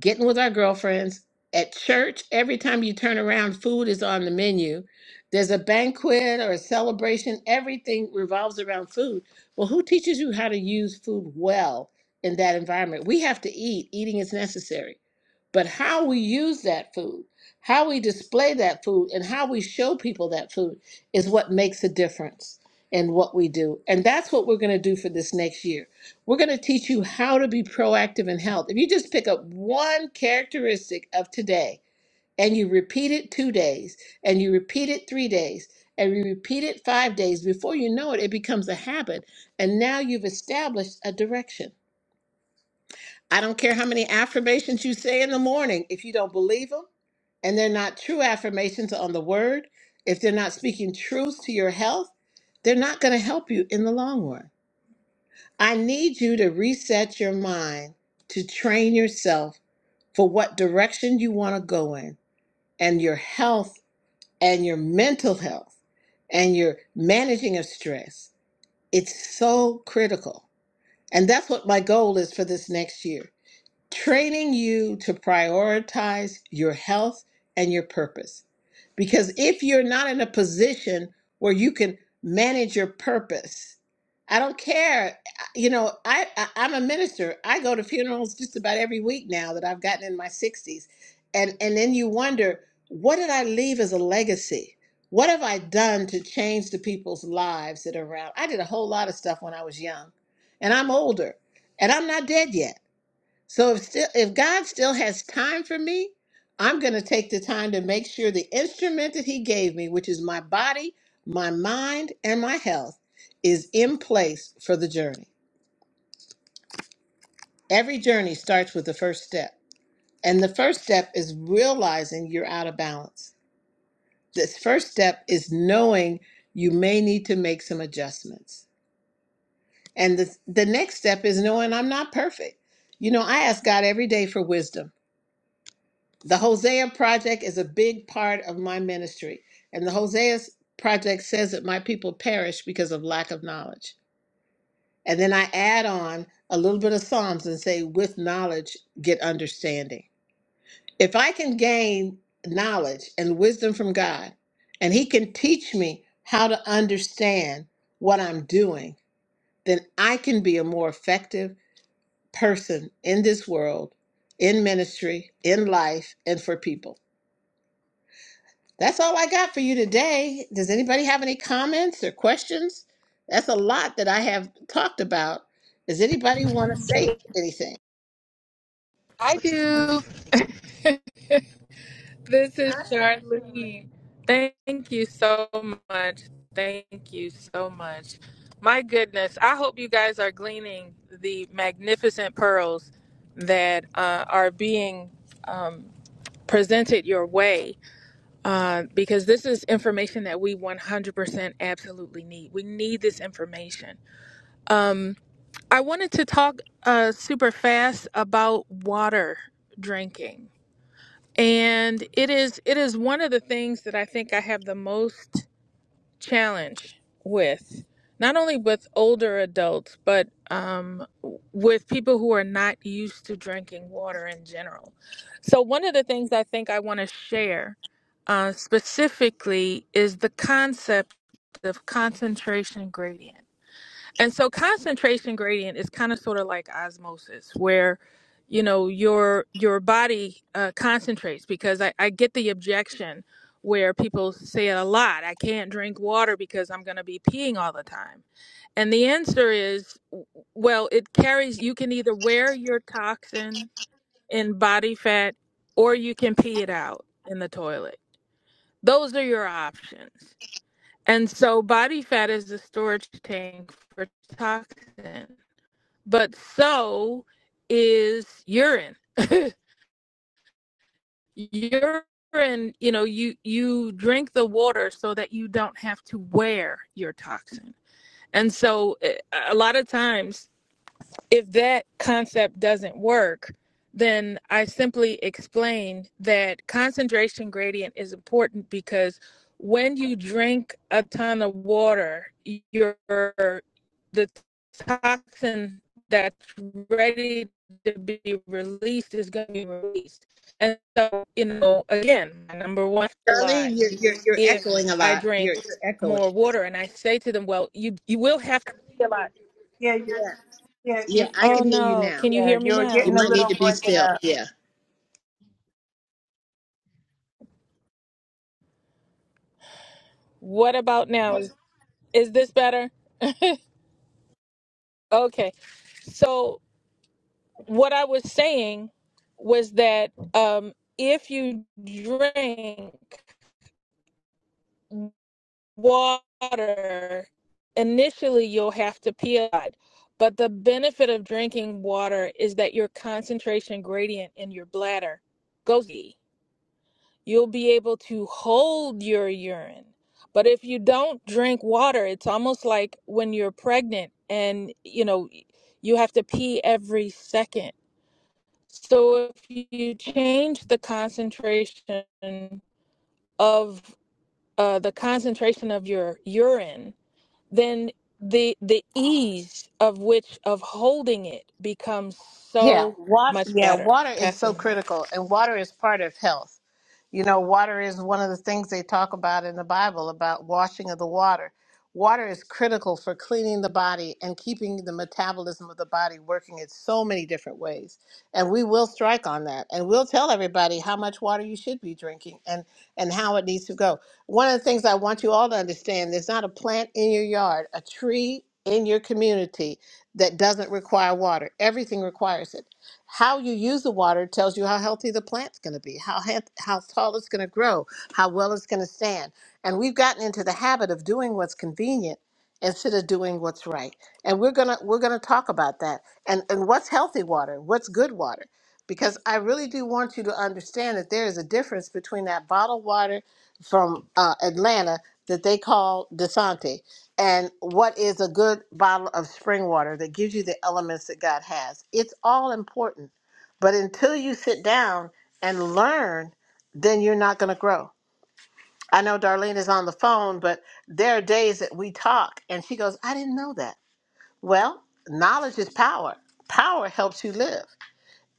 getting with our girlfriends. At church, every time you turn around, food is on the menu. There's a banquet or a celebration, everything revolves around food. Well, who teaches you how to use food well in that environment? We have to eat, eating is necessary but how we use that food, how we display that food, and how we show people that food is what makes a difference in what we do. And that's what we're going to do for this next year. We're going to teach you how to be proactive in health. If you just pick up one characteristic of today and you repeat it two days, and you repeat it three days, and you repeat it five days, before you know it, it becomes a habit. And now you've established a direction. I don't care how many affirmations you say in the morning. If you don't believe them and they're not true affirmations on the word, if they're not speaking truth to your health, they're not going to help you in the long run. I need you to reset your mind to train yourself for what direction you want to go in and your health and your mental health and your managing of stress. It's so critical. And that's what my goal is for this next year training you to prioritize your health and your purpose. Because if you're not in a position where you can manage your purpose, I don't care. You know, I, I I'm a minister. I go to funerals just about every week now that I've gotten in my 60s. And and then you wonder, what did I leave as a legacy? What have I done to change the people's lives that are around? I did a whole lot of stuff when I was young. And I'm older, and I'm not dead yet. So if still if God still has time for me, I'm going to take the time to make sure the instrument that he gave me, which is my body, my mind, and my health, is in place for the journey. Every journey starts with the first step. And the first step is realizing you're out of balance. This first step is knowing you may need to make some adjustments. And the, the next step is knowing I'm not perfect. You know, I ask God every day for wisdom. The Hosea Project is a big part of my ministry. And the Hosea Project says that my people perish because of lack of knowledge. And then I add on a little bit of Psalms and say, with knowledge, get understanding. If I can gain knowledge and wisdom from God, and He can teach me how to understand what I'm doing, then I can be a more effective person in this world, in ministry, in life, and for people. That's all I got for you today. Does anybody have any comments or questions? That's a lot that I have talked about. Does anybody want to say anything?
I do. This is Charlene. Thank you so much. Thank you so much. My goodness, I hope you guys are gleaning the magnificent pearls that uh, are being um, presented your way uh, because this is information that we 100% absolutely need. We need this information. Um, I wanted to talk uh, super fast about water drinking, and it is it is one of the things that I think I have the most challenge with, not only with older adults, but um, with people who are not used to drinking water in general. So one of the things I think I want to share uh, specifically is the concept of concentration gradient. And so concentration gradient is kind of sort of like osmosis, where you know your your body uh, concentrates because I, I get the objection where people say it a lot. I can't drink water because I'm going to be peeing all the time. And the answer is, well, it carries. You can either wear your toxin in body fat, or you can pee it out in the toilet. Those are your options. And so body fat is the storage tank for toxin but so is urine. [LAUGHS] urine, you know, you you drink the water so that you don't have to wear your toxin. And so eh, a lot of times if that concept doesn't work, then I simply explain that concentration gradient is important because when you drink a ton of water, your the toxin that's ready to be released is going to be released. And so, you know, again, my number one a lot.
Darlene, you're, you're, you're
If
echoing a
I
lot. You're,
drink
you're echoing.
more water and I say to them, well, you you will have to pee a lot.
you're,
Yeah.
yeah,
Yeah,
if
I
you're,
Oh
can hear you
no,
now.
can you
yeah,
hear me
you were
You
now?
getting a
might need
little
to be
breaking
still. Yeah.
What about now? Is is this better? Okay. So what I was saying was that um if you drink water, initially you'll have to pee a lot. But the benefit of drinking water is that your concentration gradient in your bladder goes. you'll be able to hold your urine. But if you don't drink water, it's almost like when you're pregnant and you know you have to pee every second. So if you change the concentration of uh, the concentration of your urine then the the ease of which of holding it becomes
Yeah,
so
water,
much
yeah,
better.
water is
Passing
so
the mic.
critical, and water is part of health. You know, water is one of the things they talk about in the Bible about washing of the water. Water is critical for cleaning the body and keeping the metabolism of the body working in so many different ways. And we will strike on that, and we'll tell everybody how much water you should be drinking and and how it needs to go. One of the things I want you all to understand: there's not a plant in your yard, a tree in your community that doesn't require water. Everything requires it. How you use the water tells you how healthy the plant's going to be, how he- how tall it's going to grow, how well it's going to stand. And we've gotten into the habit of doing what's convenient instead of doing what's right. And we're gonna we're gonna talk about that and and what's healthy water, what's good water, because I really do want you to understand that there is a difference between that bottled water from uh, Atlanta that they call Desante and what is a good bottle of spring water that gives you the elements that God has. It's all important. But until you sit down and learn, then you're not going to grow. I know Darlene is on the phone, but there are days that we talk and she goes, I didn't know that. Well, knowledge is power. Power helps you live.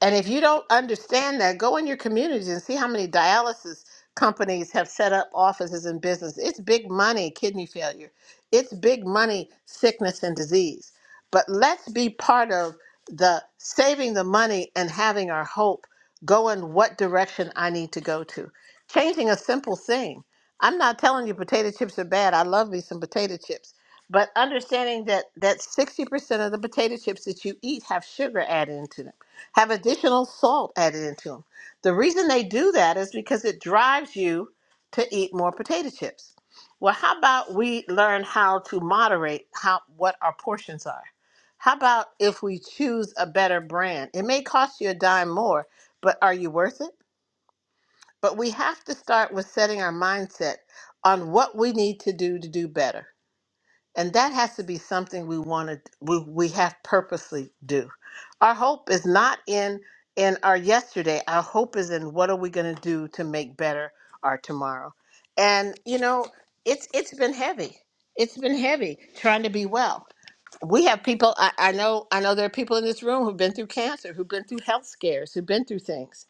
And if you don't understand that, go in your communities and see how many dialysis companies have set up offices and business. It's big money, kidney failure. It's big money, sickness and disease. But let's be part of the saving the money and having our hope go in what direction I need to go to. Changing a simple thing. I'm not telling you potato chips are bad. I love me some potato chips. But understanding that that 60% of the potato chips that you eat have sugar added into them have additional salt added into them. The reason they do that is because it drives you to eat more potato chips. Well, how about we learn how to moderate how what our portions are? How about if we choose a better brand? It may cost you a dime more, but are you worth it? But we have to start with setting our mindset on what we need to do to do better and that has to be something we want to we, we have purposely do our hope is not in in our yesterday our hope is in what are we going to do to make better our tomorrow and you know it's it's been heavy it's been heavy trying to be well we have people I, I know i know there are people in this room who've been through cancer who've been through health scares who've been through things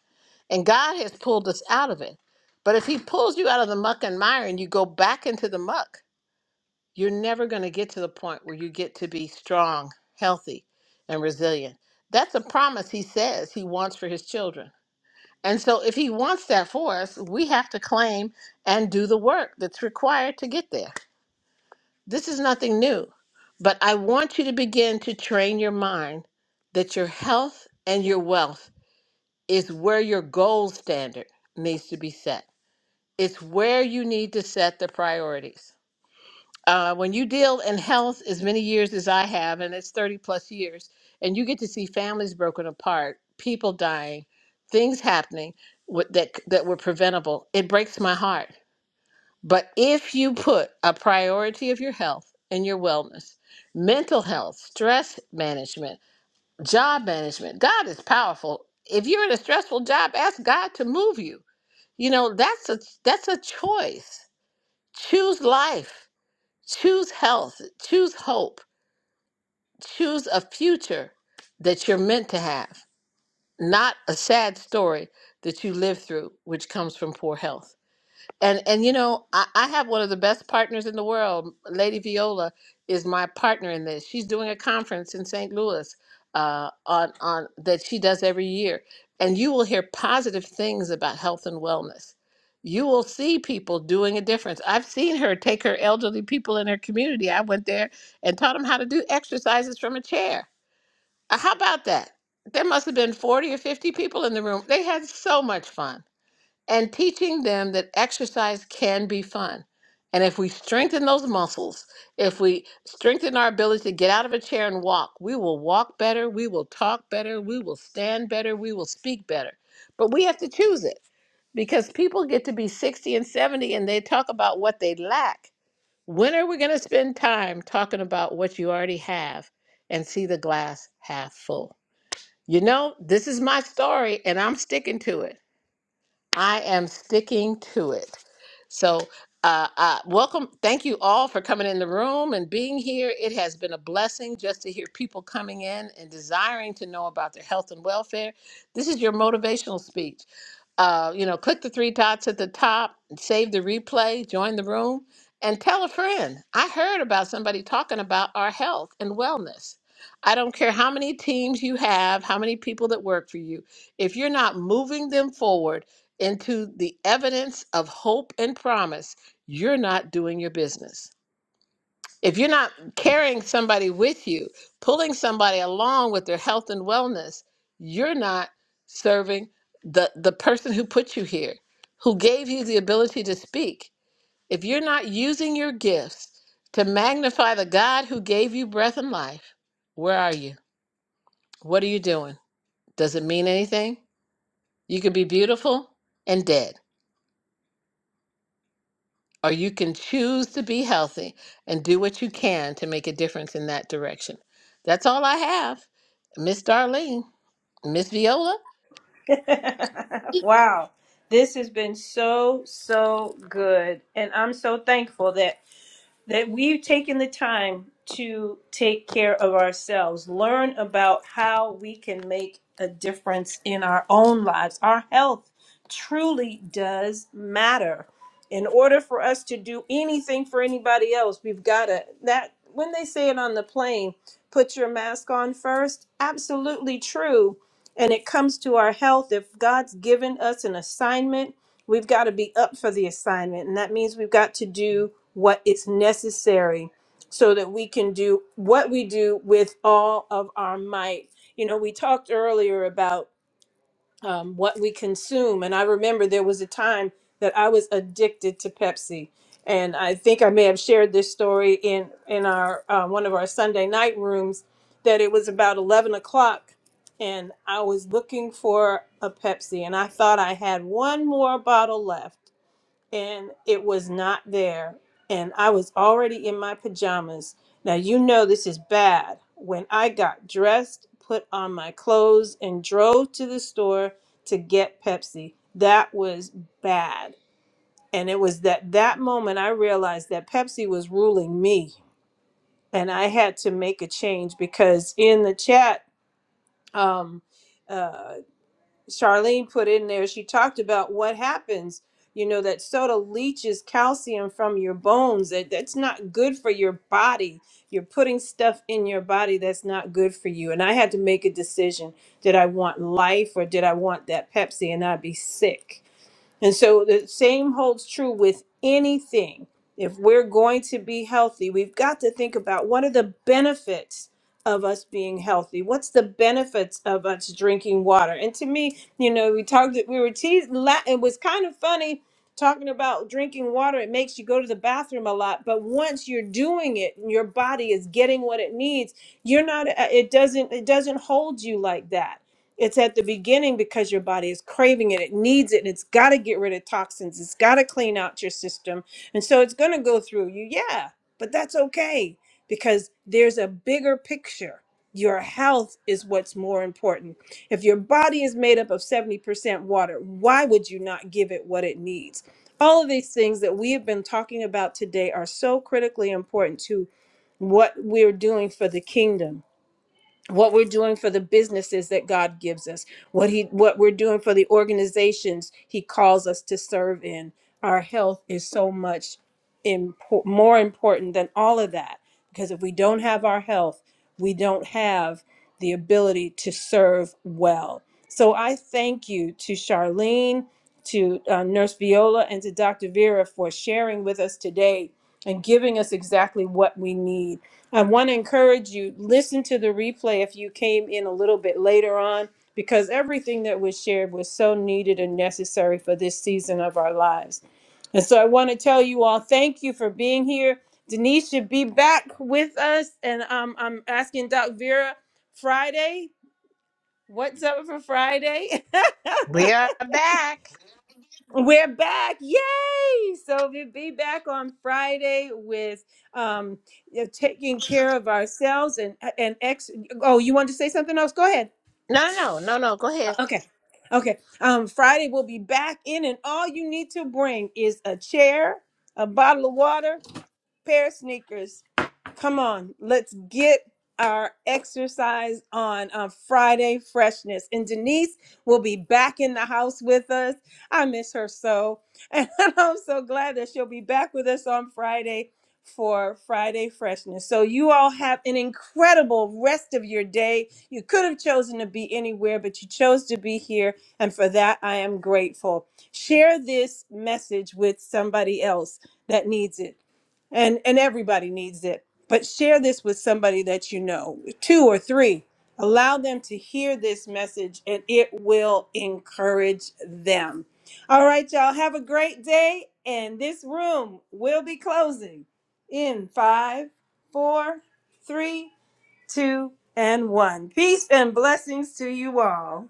and god has pulled us out of it but if he pulls you out of the muck and mire and you go back into the muck you're never going to get to the point where you get to be strong, healthy, and resilient. That's a promise he says he wants for his children. And so, if he wants that for us, we have to claim and do the work that's required to get there. This is nothing new, but I want you to begin to train your mind that your health and your wealth is where your gold standard needs to be set. It's where you need to set the priorities. uh, when you deal in health as many years as I have, and it's 30 plus years, and you get to see families broken apart, people dying, things happening with, that, that were preventable, it breaks my heart. But if you put a priority of your health and your wellness, mental health, stress management, job management, God is powerful. If you're in a stressful job, ask God to move you. You know, that's a that's a choice. Choose life Choose health, choose hope, choose a future that you're meant to have, not a sad story that you live through, which comes from poor health and and you know I, I have one of the best partners in the world lady viola is my partner in this she's doing a conference in st louis uh, on on that she does every year and you will hear positive things about health and wellness you will see people doing a difference i've seen her take her elderly people in her community i went there and taught them how to do exercises from a chair Uh, how about that there must have been 40 or 50 people in the room they had so much fun and teaching them that exercise can be fun. And if we strengthen those muscles, if we strengthen our ability to get out of a chair and walk, we will walk better, we will talk better, we will stand better, we will speak better. But we have to choose it because people get to be 60 and 70 and they talk about what they lack. When are we going to spend time talking about what you already have and see the glass half full? You know, this is my story and I'm sticking to it. I am sticking to it. So, uh, uh, welcome. Thank you all for coming in the room and being here. It has been a blessing just to hear people coming in and desiring to know about their health and welfare. This is your motivational speech uh, you know, click the three dots at the top, save the replay, join the room, and tell a friend. I heard about somebody talking about our health and wellness. I don't care how many teams you have, how many people that work for you, if you're not moving them forward into the evidence of hope and promise, you're not doing your business if you're not carrying somebody with you, pulling somebody along with their health and wellness, you're not serving the the person who put you here, who gave you the ability to speak. If you're not using your gifts to magnify the God who gave you breath and life, where are you? What are you doing? Does it mean anything? You could be beautiful and dead. or you can choose to be healthy and do what you can to make a difference in that direction. That's all I have. Miss Darlene, Miss Viola.
up. [LAUGHS] wow. This has been so, so good. And I'm so thankful that that we've taken the time to take care of ourselves, learn about how we can make a difference in our own lives. Our health truly does matter. In order for us to do anything for anybody else, we've got to that when they say it on the plane, put your mask on first, absolutely true. And it comes to our health if God's given us an assignment we've got to be up for the assignment. And that means we've got to do what is necessary so that we can do what we do with all of our might. You know, we talked earlier about um, what we consume. And I remember there was a time that I was addicted to Pepsi. And I think I may have shared this story in in our uh, one of our Sunday night rooms that it was about eleven o'clock, and I was looking for a Pepsi, and I thought I had one more bottle left and it was not there. And I was already in my pajamas. Now, you know this is bad. When I got dressed, put on my clothes, and drove to the store to get Pepsi, that was bad. And it was that that moment I realized that Pepsi was ruling me, and I had to make a change because in the chat, um, uh, Charlene put in there, she talked about what happens. You know, that soda leaches calcium from your bones. That that's not good for your body. You're putting stuff in your body that's not good for you. And I had to make a decision. Did I want life or did I want that Pepsi and I'd be sick? And so the same holds true with anything. If we're going to be healthy, we've got to think about what are the benefits of us being healthy? What's the benefits of us drinking water? And to me, you know, we talked, we were teased, la- it was kind of funny talking about drinking water. It makes you go to the bathroom a lot, but once you're doing it and your body is getting what it needs, you're not, uh, it doesn't, it doesn't hold you like that. It's at the beginning because your body is craving it. It needs it and it's got to get rid of toxins. It's got to clean out your system. And so it's going to go through you. Yeah, but that's okay because there's a bigger picture. Your health is what's more important. If your body is made up of 70% water, why would you not give it what it needs? All of these things that we have been talking about today are so critically important to what we're doing for the kingdom what we're doing for the businesses that God gives us, what he what we're doing for the organizations he calls us to serve in. Our health is so much impor- more important than all of that because if we don't have our health, we don't have the ability to serve well. So I thank you to Charlene, to uh, Nurse Viola, and to Dr. Vera for sharing with us today and giving us exactly what we need. I want to encourage you listen to the replay if you came in a little bit later on because everything that was shared was so needed and necessary for this season of our lives. And so I want to tell you all thank you for being here. Denise should be back with us and um, I'm asking Doc Vera Friday, what's up for Friday? [LAUGHS]
We are back.
We're back. Yay! So we'll be back on Friday with um you know, taking care of ourselves and and ex oh, you wanted to say something else? Go ahead.
No, no, no, no. Go
Uh,
ahead.
Okay. Okay. Um Friday we'll be back in and all you need to bring is a chair, a bottle of water, pair of sneakers. Come on, let's get our exercise on on Friday freshness. And Denise will be back in the house with us. I miss her so. And [LAUGHS] I'm so glad that she'll be back with us on Friday for Friday freshness. So you all have an incredible rest of your day. You could have chosen to be anywhere, but you chose to be here, and for that I am grateful. Share this message with somebody else that needs it and and everybody needs it but share this with somebody that you know, two or three. Allow them to hear this message and it will encourage them. All right, y'all, have a great day. And this room will be closing in five, four, three, two, and one. Peace and blessings to you all.